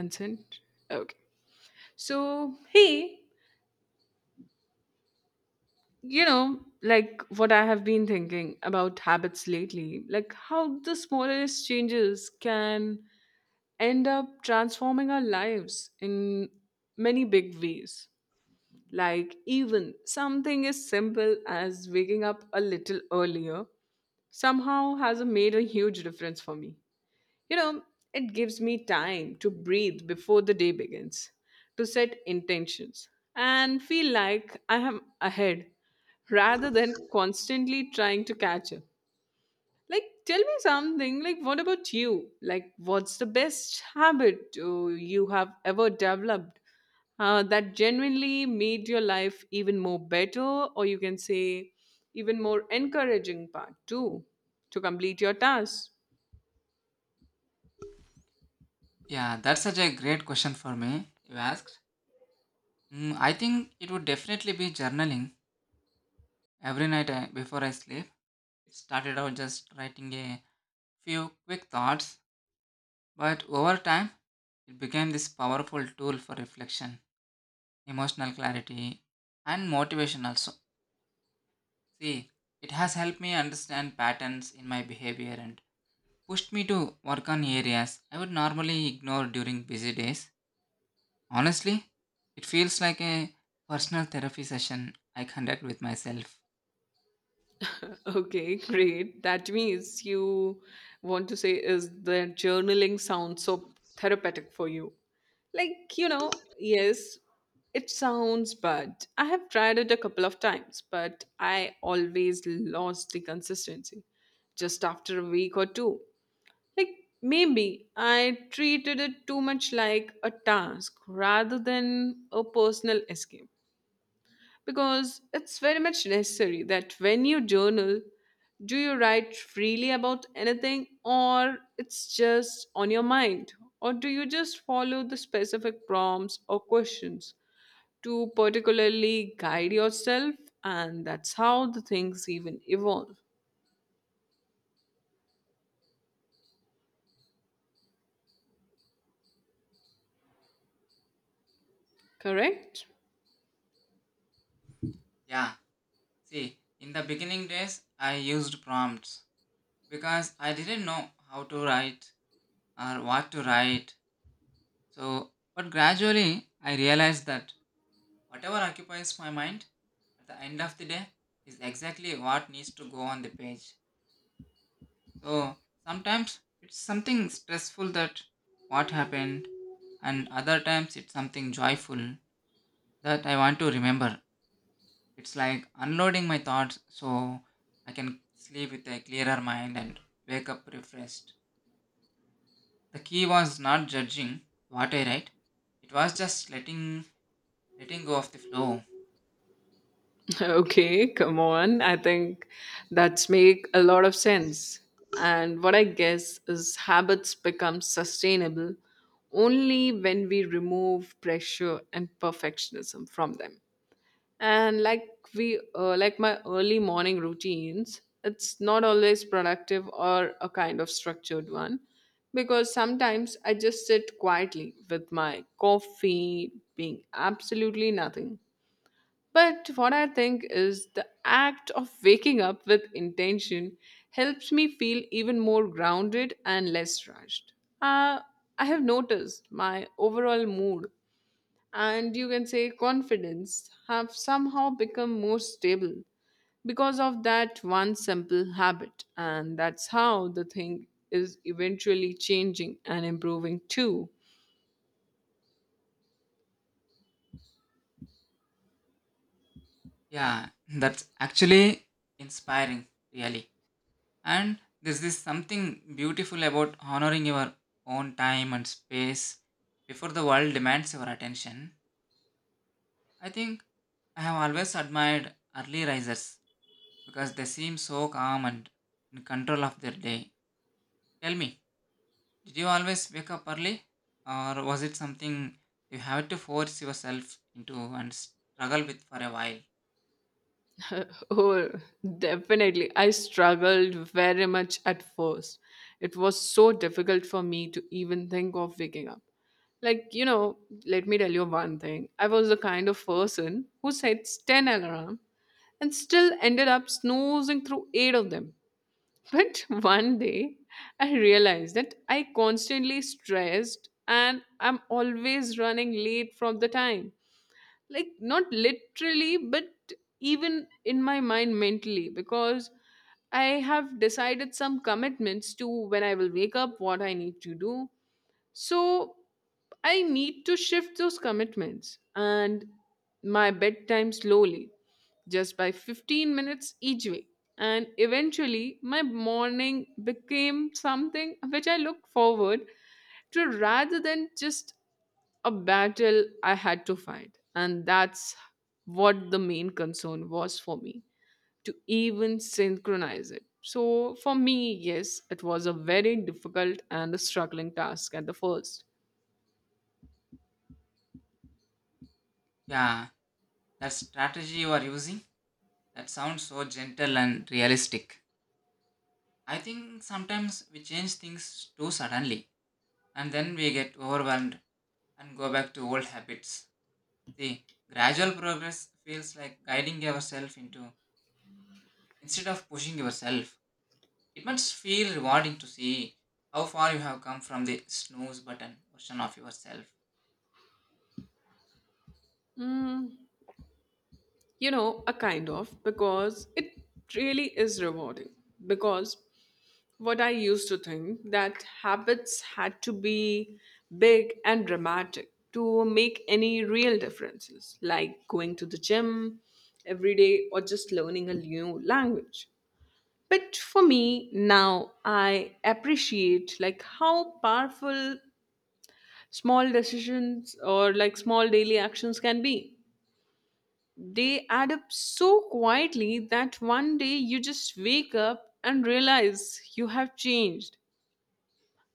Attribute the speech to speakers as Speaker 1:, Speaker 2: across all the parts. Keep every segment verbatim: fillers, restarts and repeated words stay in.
Speaker 1: Consent. Okay. So, hey, you know, like what I have been thinking about habits lately, like how the smallest changes can end up transforming our lives in many big ways. Like, even something as simple as waking up a little earlier somehow has made a huge difference for me. You know, it gives me time to breathe before the day begins, to set intentions, and feel like I am ahead rather than constantly trying to catch up. Like, tell me something. Like, what about you? Like, what's the best habit uh, you have ever developed uh, that genuinely made your life even more better, or you can say, even more encouraging part too, to complete your tasks?
Speaker 2: Yeah, that's such a great question for me. You asked. Mm, I think it would definitely be journaling every night I, before I sleep. It started out just writing a few quick thoughts, but over time, it became this powerful tool for reflection, emotional clarity, and motivation also. See, it has helped me understand patterns in my behavior and pushed me to work on areas I would normally ignore during busy days. Honestly, it feels like a personal therapy session I conduct with myself.
Speaker 1: Okay, great. That means you want to say is that journaling sounds so therapeutic for you. Like, you know, yes, it sounds bad. I have tried it a couple of times, but I always lost the consistency just after a week or two. Like, maybe I treated it too much like a task rather than a personal escape because it's very much necessary that when you journal, do you write freely about anything or it's just on your mind? Or do you just follow the specific prompts or questions to particularly guide yourself? And that's how the things even evolve, correct?
Speaker 2: Yeah, see, in the beginning days, I used prompts because I didn't know how to write or what to write. So, but gradually, I realized that whatever occupies my mind at the end of the day is exactly what needs to go on the page. So sometimes it's something stressful that what happened, and other times it's something joyful that I want to remember. It's like unloading my thoughts so I can sleep with a clearer mind and wake up refreshed. The key was not judging what I write. It was just letting letting go of the flow.
Speaker 1: Okay, come on. I think that's make a lot of sense. And what I guess is habits become sustainable only when we remove pressure and perfectionism from them. And like we uh, like my early morning routines, it's not always productive or a kind of structured one because sometimes I just sit quietly with my coffee being absolutely nothing but what I think is the act of waking up with intention helps me feel even more grounded and less rushed. Uh, I have noticed my overall mood and you can say confidence have somehow become more stable because of that one simple habit. And that's how the thing is eventually changing and improving too.
Speaker 2: Yeah, that's actually inspiring, really. And there's this something beautiful about honoring your own time and space before the world demands your attention. I think I have always admired early risers because they seem so calm and in control of their day. Tell me, did you always wake up early or was it something you had to force yourself into and struggle with for a while?
Speaker 1: Oh, definitely. I struggled very much at first. It was so difficult for me to even think of waking up. Like, you know, let me tell you one thing. I was the kind of person who sets ten alarm and still ended up snoozing through eight of them. But one day, I realized that I constantly stressed and I'm always running late from the time, like not literally but even in my mind mentally, because I have decided some commitments to when I will wake up, what I need to do. So I need to shift those commitments and my bedtime slowly, just by fifteen minutes each way. And eventually, my morning became something which I look forward to rather than just a battle I had to fight. And that's what the main concern was for me to even synchronize it. So for me, yes, it was a very difficult and a struggling task at the first.
Speaker 2: Yeah, that strategy you are using, that sounds so gentle and realistic. I think sometimes we change things too suddenly and then we get overwhelmed and go back to old habits. See, gradual progress feels like guiding yourself into instead of pushing yourself. It must feel rewarding to see how far you have come from the snooze button version of yourself.
Speaker 1: Mm, you know, a kind of, because it really is rewarding. Because what I used to think that habits had to be big and dramatic to make any real differences, like going to the gym every day or just learning a new language. But for me now I appreciate like how powerful small decisions or like small daily actions can be. They add up so quietly that one day you just wake up and realize you have changed.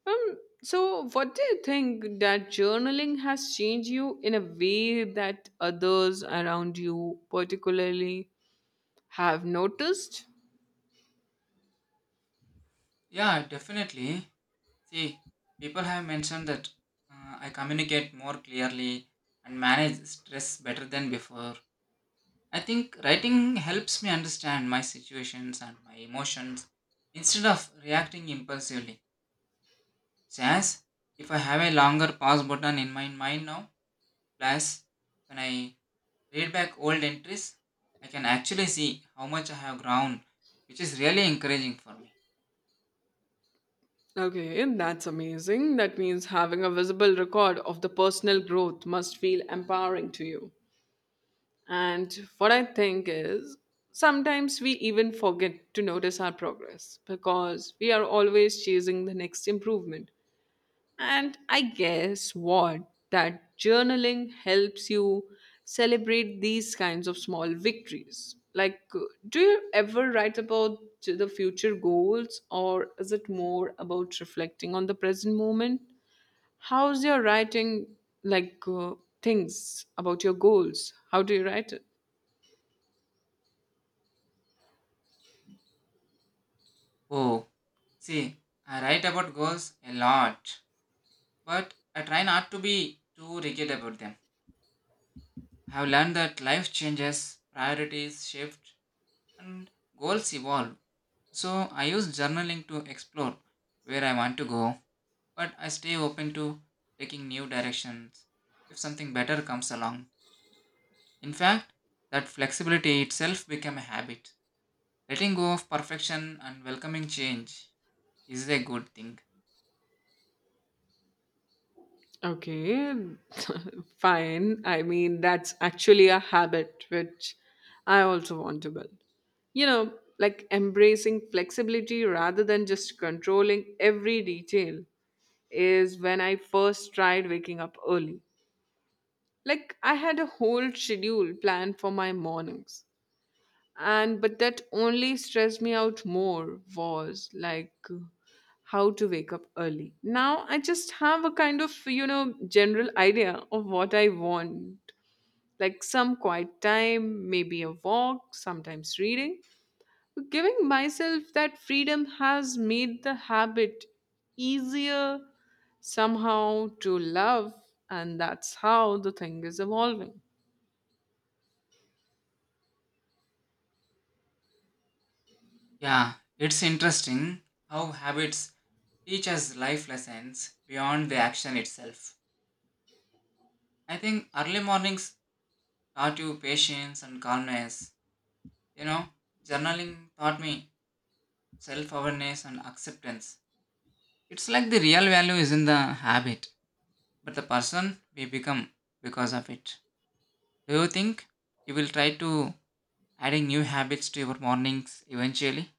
Speaker 1: um, so what do you think, that journaling has changed you in a way that others around you particularly have noticed?
Speaker 2: Yeah, definitely. See, people have mentioned that uh, I communicate more clearly and manage stress better than before. I think writing helps me understand my situations and my emotions instead of reacting impulsively. It's as if I have a longer pause button in my mind now. Plus, when I read back old entries, I can actually see how much I have grown, which is really encouraging for me.
Speaker 1: Okay, that's amazing. That means having a visible record of the personal growth must feel empowering to you. And what I think is sometimes we even forget to notice our progress because we are always chasing the next improvement. And I guess what? That journaling helps you celebrate these kinds of small victories. Like, uh, do you ever write about t- the future goals, or is it more about reflecting on the present moment? How's your writing, like, uh, things about your goals? How do you write it?
Speaker 2: Oh, see, I write about goals a lot, but I try not to be too rigid about them. I have learned that life changes, priorities shift, and goals evolve. So I use journaling to explore where I want to go, but I stay open to taking new directions if something better comes along. In fact, that flexibility itself became a habit. Letting go of perfection and welcoming change is a good thing.
Speaker 1: Okay, fine. I mean, that's actually a habit which I also want to build. You know, like embracing flexibility rather than just controlling every detail is when I first tried waking up early. Like, I had a whole schedule planned for my mornings and but that only stressed me out more was like uh, how to wake up early. Now I just have a kind of, you know, general idea of what I want, like some quiet time, maybe a walk, sometimes reading. Giving myself that freedom has made the habit easier somehow to love, and that's how the thing is evolving.
Speaker 2: Yeah, it's interesting how habits teach us life lessons beyond the action itself. I think early mornings taught you patience and calmness. You know, journaling taught me self awareness, and acceptance. It's like the real value is in the habit, but the person we become because of it. Do you think you will try to adding new habits to your mornings eventually?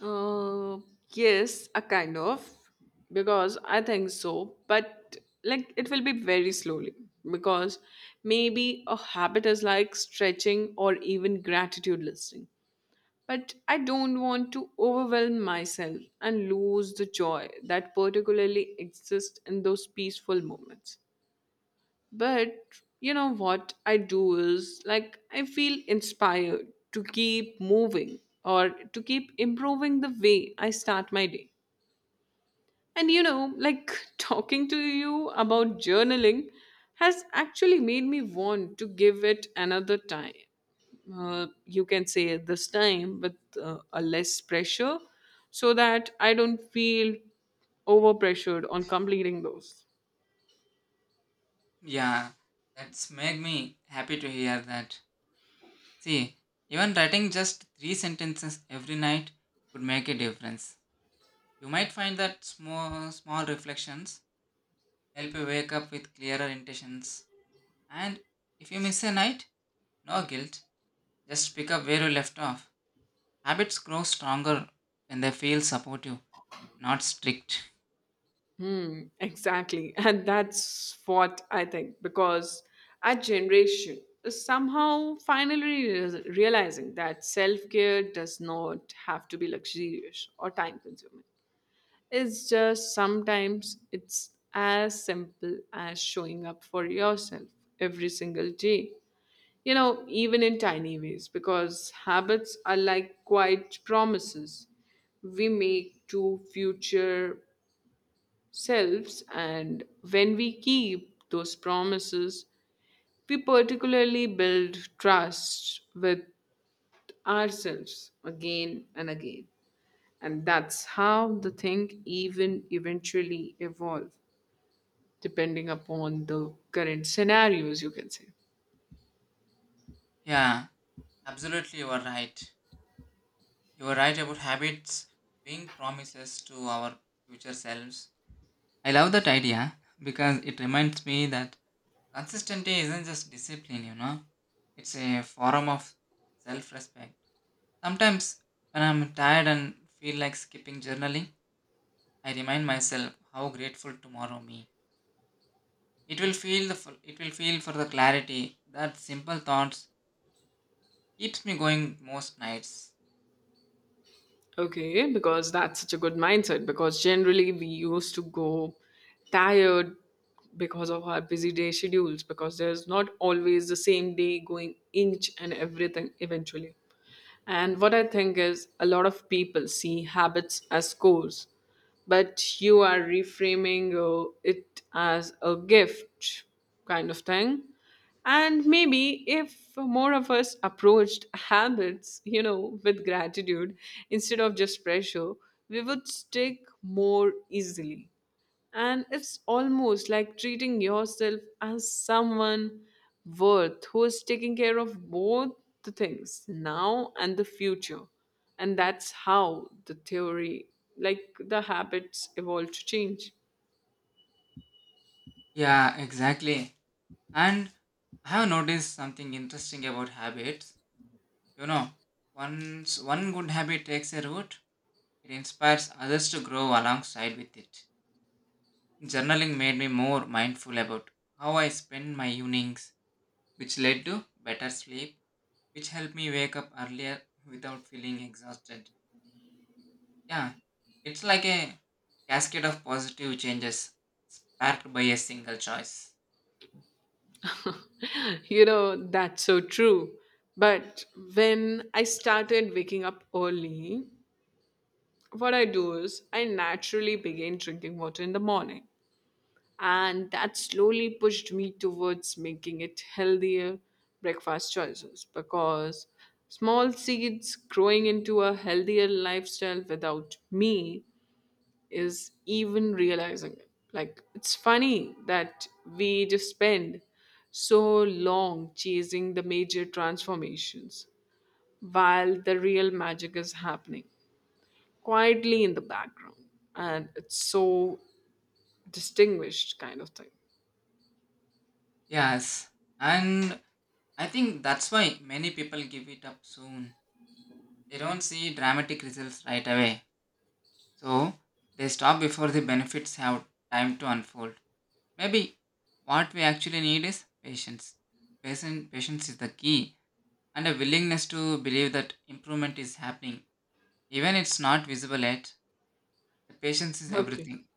Speaker 1: Uh, yes, a kind of, because I think so, but like it will be very slowly because maybe a habit is like stretching or even gratitude listening. But I don't want to overwhelm myself and lose the joy that particularly exists in those peaceful moments. But you know what I do is like I feel inspired to keep moving or to keep improving the way I start my day. And you know, like talking to you about journaling has actually made me want to give it another time. Uh, you can say this time with uh, a less pressure so that I don't feel overpressured on completing those.
Speaker 2: Yeah, that's made me happy to hear that. See, even writing just three sentences every night could make a difference. You might find that small small reflections help you wake up with clearer intentions. And if you miss a night, no guilt. Just pick up where you left off. Habits grow stronger when they feel supportive, not strict.
Speaker 1: Mm, exactly. And that's what I think because our generation is somehow finally re- realizing that self care does not have to be luxurious or time consuming. It's just sometimes it's as simple as showing up for yourself every single day. You know, even in tiny ways, because habits are like quiet promises we make to future selves, and when we keep those promises, we particularly build trust with ourselves again and again, and that's how the thing even eventually evolve, depending upon the current scenarios, you can say.
Speaker 2: Yeah, absolutely, you are right. You are right about habits being promises to our future selves. I love that idea because it reminds me that consistency isn't just discipline, you know, it's a form of self respect. Sometimes when I'm tired and feel like skipping journaling, I remind myself how grateful tomorrow me it will feel. The f- it will feel for the clarity that simple thoughts keeps me going most nights.
Speaker 1: Okay, because that's such a good mindset. Because generally, we used to go tired because of our busy day schedules, because there's not always the same day going inch and everything eventually. And what I think is a lot of people see habits as goals, but you are reframing uh, it as a gift kind of thing. And maybe if more of us approached habits, you know, with gratitude instead of just pressure, we would stick more easily. And it's almost like treating yourself as someone worth who is taking care of both the things now and the future. And that's how the theory, like the habits, evolve to change.
Speaker 2: Yeah, exactly. And I have noticed something interesting about habits. You know, once one good habit takes a root, it inspires others to grow alongside with it. Journaling made me more mindful about how I spend my evenings, which led to better sleep, which helped me wake up earlier without feeling exhausted. Yeah, it's like a cascade of positive changes sparked by a single choice.
Speaker 1: You know, that's so true. But when I started waking up early, what I do is I naturally begin drinking water in the morning, and that slowly pushed me towards making it healthier breakfast choices because small seeds growing into a healthier lifestyle without me is even realizing it. Like it's funny that we just spend so long chasing the major transformations while the real magic is happening quietly in the background, and it's so distinguished kind of thing.
Speaker 2: Yes, and I think that's why many people give it up soon. They don't see dramatic results right away, so they stop before the benefits have time to unfold. Maybe what we actually need is patience. Patient, patience is the key, and a willingness to believe that improvement is happening, even it's not visible yet. The patience is
Speaker 1: Okay.
Speaker 2: everything.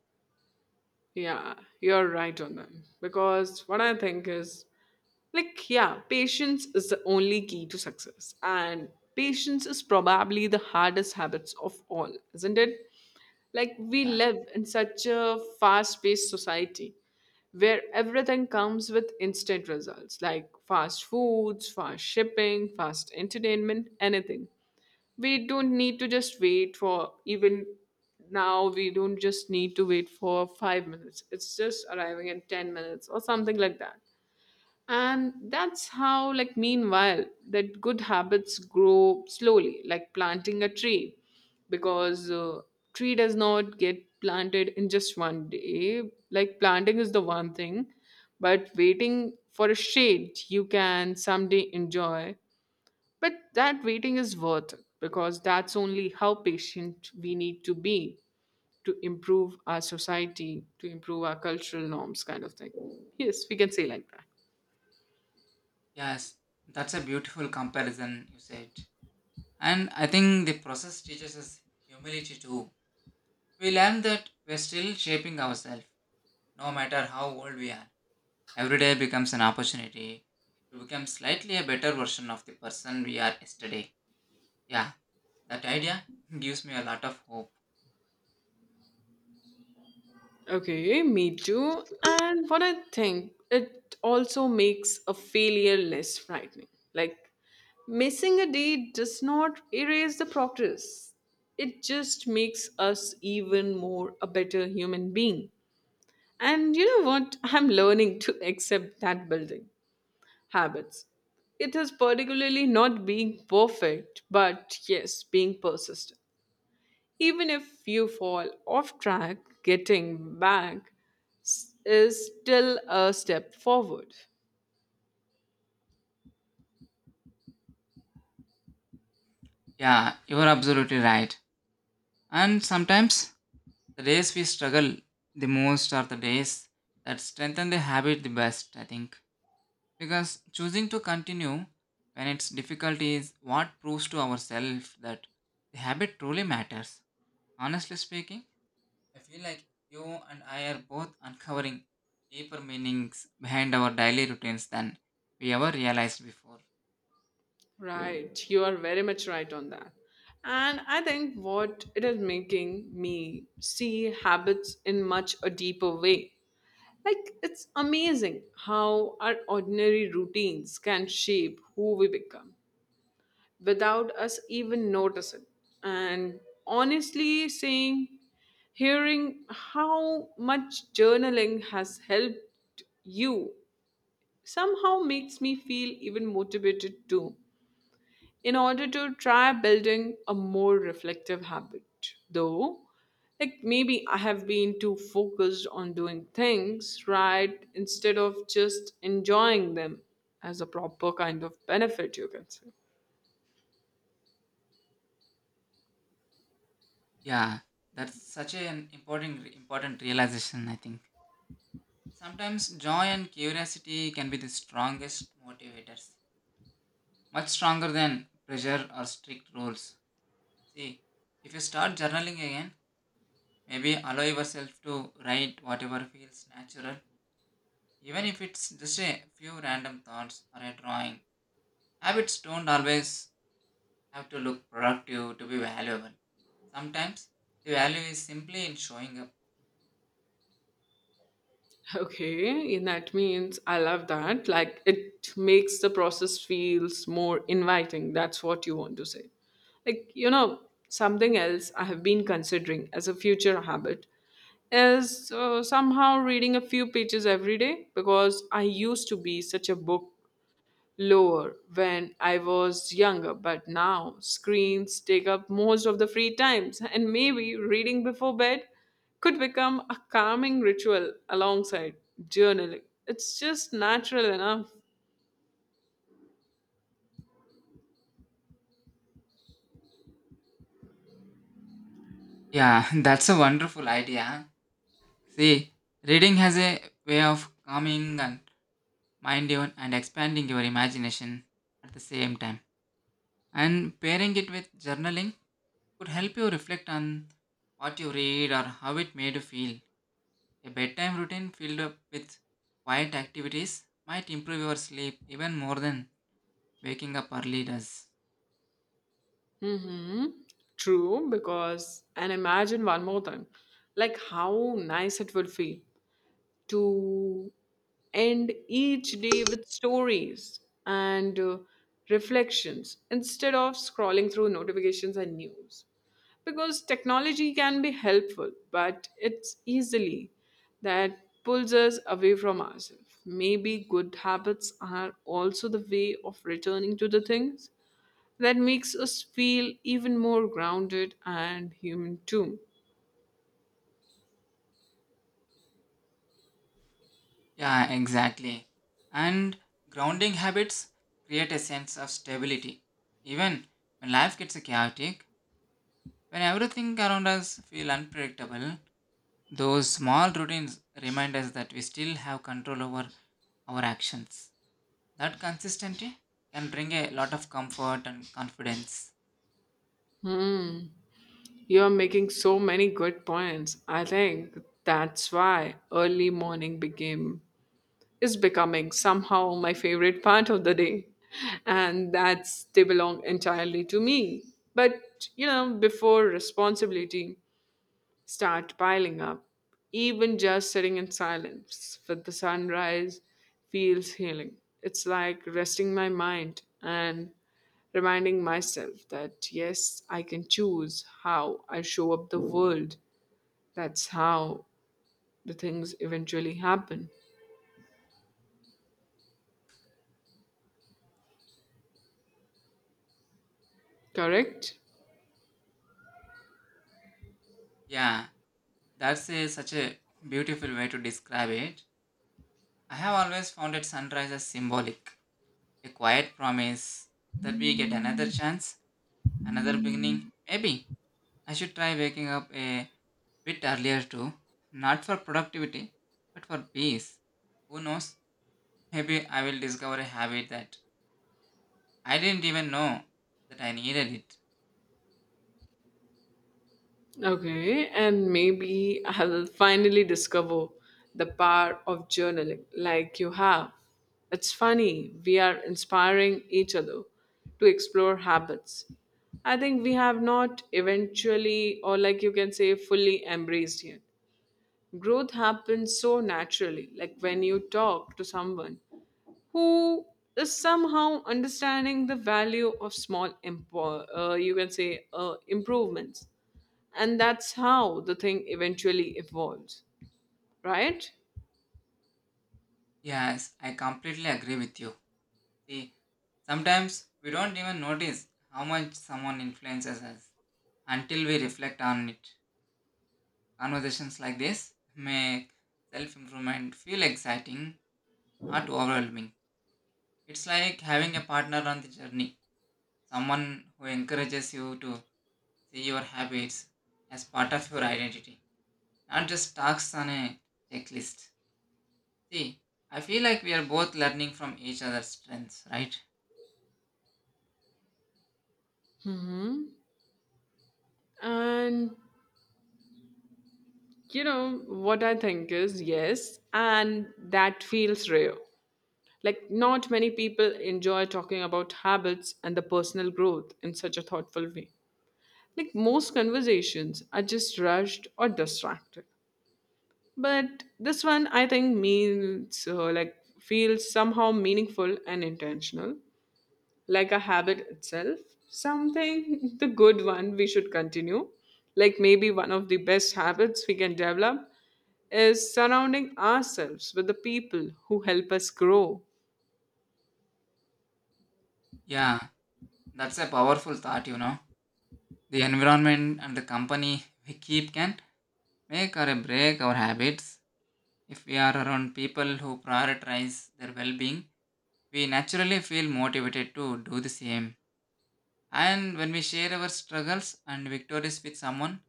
Speaker 1: Yeah, you're right on them. Because what I think is like, yeah, patience is the only key to success. And patience is probably the hardest habits of all, isn't it? Like, we
Speaker 2: Yeah.
Speaker 1: live in such a fast paced society where everything comes with instant results like fast foods, fast shipping, fast entertainment, anything we don't need to just wait for. Even now we don't just need to wait for five minutes, it's just arriving in ten minutes or something like that. And that's how like meanwhile that good habits grow slowly like planting a tree because, uh, tree does not get planted in just one day. Like planting is the one thing but waiting for a shade you can someday enjoy, but that waiting is worth it because that's only how patient we need to be to improve our society, to improve our cultural norms, kind of thing. Yes, we can say like that.
Speaker 2: Yes, that's a beautiful comparison you said. And I think the process teaches us humility too. We learn that we're still shaping ourselves, no matter how old we are. Every day becomes an opportunity to become slightly a better version of the person we are yesterday. Yeah, that idea gives me a lot of hope.
Speaker 1: Okay, me too. And what I think, it also makes a failure less frightening. Like, missing a day does not erase the progress, it just makes us even more a better human being. And you know what? I'm learning to accept that building. Habits. It is particularly not being perfect, but yes, being persistent. Even if you fall off track, getting back s- is still a step forward.
Speaker 2: Yeah, you're absolutely right. And sometimes the days we struggle the most are the days that strengthen the habit the best, I think. Because choosing to continue when it's difficult is what proves to ourselves that the habit truly matters. Honestly speaking, I feel like you and I are both uncovering deeper meanings behind our daily routines than we ever realized before.
Speaker 1: Right, you are very much right on that. And I think what it is making me see habits in much a deeper way. Like, it's amazing how our ordinary routines can shape who we become, without us even noticing. And honestly, saying, hearing how much journaling has helped you somehow makes me feel even motivated too, in order to try building a more reflective habit. Though, like maybe I have been too focused on doing things right instead of just enjoying them as a proper kind of benefit, you can say.
Speaker 2: Yeah, that's such an important important realization, I think. Sometimes joy and curiosity can be the strongest motivators, much stronger than pressure or strict rules. See, if you start journaling again, maybe allow yourself to write whatever feels natural, even if it's just a few random thoughts or a drawing. Habits don't always have to look productive to be valuable. Sometimes the value is simply in showing up.
Speaker 1: Okay, and that means I love that. Like it makes the process feels more inviting. That's what you want to say. Like, you know, something else I have been considering as a future habit is uh, somehow reading a few pages every day because I used to be such a book lower when I was younger, but now screens take up most of the free times, and maybe reading before bed could become a calming ritual alongside journaling. It's just natural enough.
Speaker 2: Yeah, that's a wonderful idea. See, reading has a way of calming and mind you and expanding your imagination at the same time. And pairing it with journaling could help you reflect on what you read or how it made you feel. A bedtime routine filled up with quiet activities might improve your sleep even more than waking up early does.
Speaker 1: Mm-hmm. True, because, and imagine one more thing like how nice it would feel to end each day with stories and uh, reflections instead of scrolling through notifications and news. Because technology can be helpful, but it's easily that pulls us away from ourselves. Maybe good habits are also the way of returning to the things that makes us feel even more grounded and human too.
Speaker 2: Yeah, exactly. And grounding habits create a sense of stability. Even when life gets chaotic, when everything around us feel unpredictable, those small routines remind us that we still have control over our actions. That consistency can bring a lot of comfort and confidence.
Speaker 1: Hmm. You're making so many good points. I think that's why early morning became is becoming somehow my favorite part of the day, and that's they belong entirely to me. But you know, before responsibility start piling up, even just sitting in silence with the sunrise feels healing. It's like resting my mind and reminding myself that yes, I can choose how I show up the world. That's how the things eventually happen. Correct?
Speaker 2: Yeah, that's a, such a beautiful way to describe it. I have always found it sunrise as symbolic, a quiet promise that we get another chance, another beginning. Maybe I should try waking up a bit earlier too, not for productivity, but for peace. Who knows? Maybe I will discover a habit that I didn't even know that I needed it.
Speaker 1: Okay, and maybe I'll finally discover the power of journaling like you have. It's funny, we are inspiring each other to explore habits. I think we have not eventually, or like you can say, fully embraced yet. Growth happens so naturally, like when you talk to someone who is somehow understanding the value of small impo- uh, you can say uh, improvements, and that's how the thing eventually evolves, right?
Speaker 2: Yes, I completely agree with you. See, sometimes we don't even notice how much someone influences us until we reflect on it. Conversations like this make self improvement feel exciting, not overwhelming. It's like having a partner on the journey, someone who encourages you to see your habits as part of your identity, not just tasks on a checklist. See, I feel like we are both learning from each other's strengths, right?
Speaker 1: Mhm. And you know what I think is yes, and that feels rare. Like, not many people enjoy talking about habits and the personal growth in such a thoughtful way. Like, most conversations are just rushed or distracted. But this one, I think, means uh, like feels somehow meaningful and intentional, like a habit itself, something the good one we should continue. Like maybe one of the best habits we can develop is surrounding ourselves with the people who help us grow.
Speaker 2: Yeah, that's a powerful thought, you know. The environment and the company we keep can make or break our habits. If we are around people who prioritize their well being, we naturally feel motivated to do the same. And when we share our struggles and victories with someone,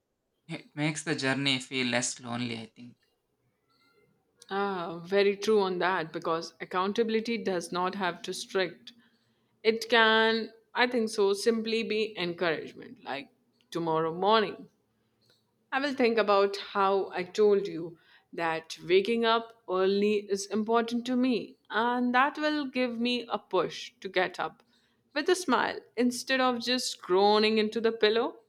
Speaker 2: it makes the journey feel less lonely, I think.
Speaker 1: Ah, very true on that, because accountability does not have to strict. It can, I think so, simply be encouragement like tomorrow morning. I will think about how I told you that waking up early is important to me, and that will give me a push to get up with a smile instead of just groaning into the pillow.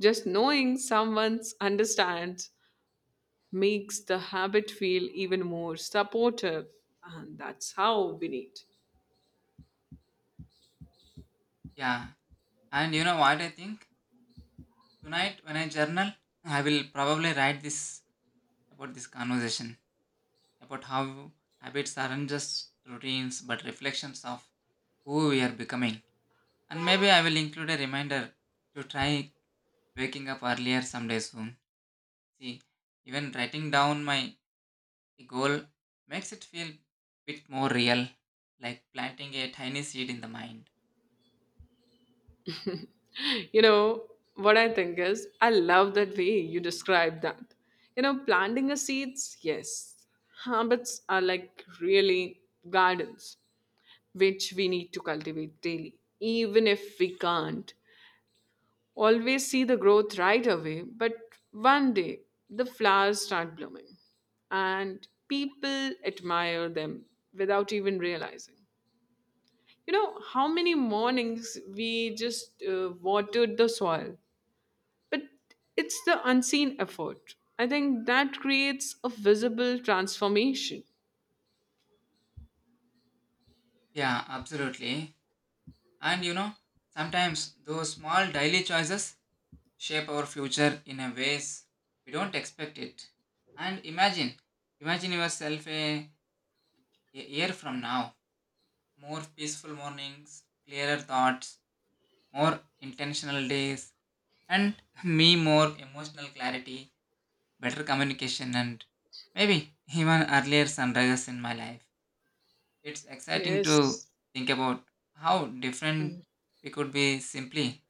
Speaker 1: Just knowing someone understands makes the habit feel even more supportive, and that's how we need.
Speaker 2: Yeah. And you know what I think? Tonight, when I journal, I will probably write this about this conversation, about how habits aren't just routines but reflections of who we are becoming. And maybe I will include a reminder to try waking up earlier someday soon. See, even writing down my goal makes it feel bit more real, like planting a tiny seed in the mind.
Speaker 1: You know what I think is I love that way you describe that, you know, planting a seeds. Yes, habits are like really gardens, which we need to cultivate daily, even if we can't always see the growth right away, but one day the flowers start blooming and people admire them without even realizing, you know, how many mornings we just uh, watered the soil, but it's the unseen effort. I think that creates a visible transformation.
Speaker 2: Yeah, absolutely. And you know, sometimes those small daily choices shape our future in a ways we don't expect it. And imagine, imagine yourself a, a year from now, more peaceful mornings, clearer thoughts, more intentional days, and me more emotional clarity, better communication, and maybe even earlier sunrises in my life. It's exciting
Speaker 1: Yes.
Speaker 2: to think about how different we could be simply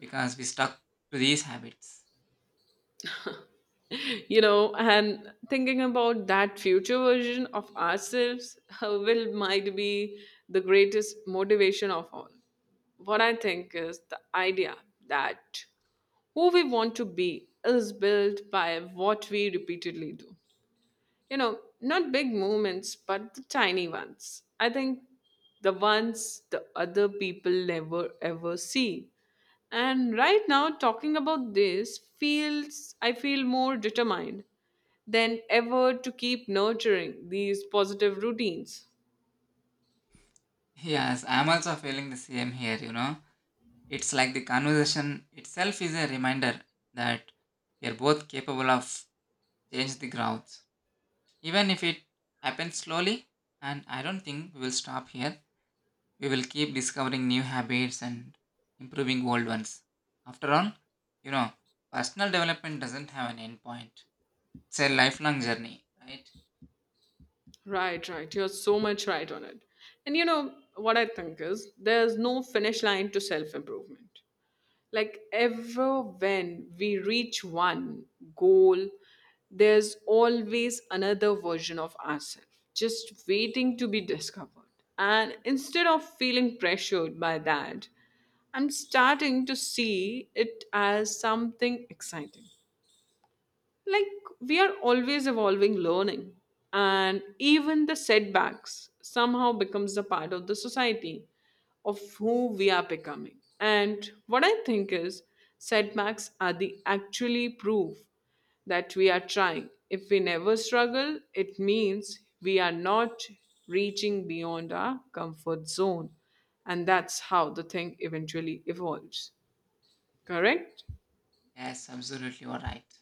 Speaker 2: because we stuck to these habits.
Speaker 1: You know, and thinking about that future version of ourselves uh, will might be the greatest motivation of all. What I think is the idea that who we want to be is built by what we repeatedly do. You know, not big movements, but the tiny ones. I think the ones the other people never ever see. And right now, talking about this feels, I feel more determined than ever to keep nurturing these positive routines.
Speaker 2: Yes, I'm also feeling the same here, you know. It's like the conversation itself is a reminder that we are both capable of change the grounds. Even if it happens slowly, and I don't think we will stop here. We will keep discovering new habits and improving old ones. After all, you know, personal development doesn't have an end point. It's a lifelong journey, right?
Speaker 1: Right, right. You're so much right on it. And you know, what I think is there's no finish line to self improvement. Like ever when we reach one goal, there's always another version of ourselves just waiting to be discovered. And instead of feeling pressured by that, I'm starting to see it as something exciting, like we are always evolving, learning, and even the setbacks somehow becomes a part of the society of who we are becoming. And what I think is setbacks are the actually proof that we are trying. If we never struggle, it means we are not reaching beyond our comfort zone, and that's how the thing eventually evolves, correct?
Speaker 2: Yes, absolutely, you're right.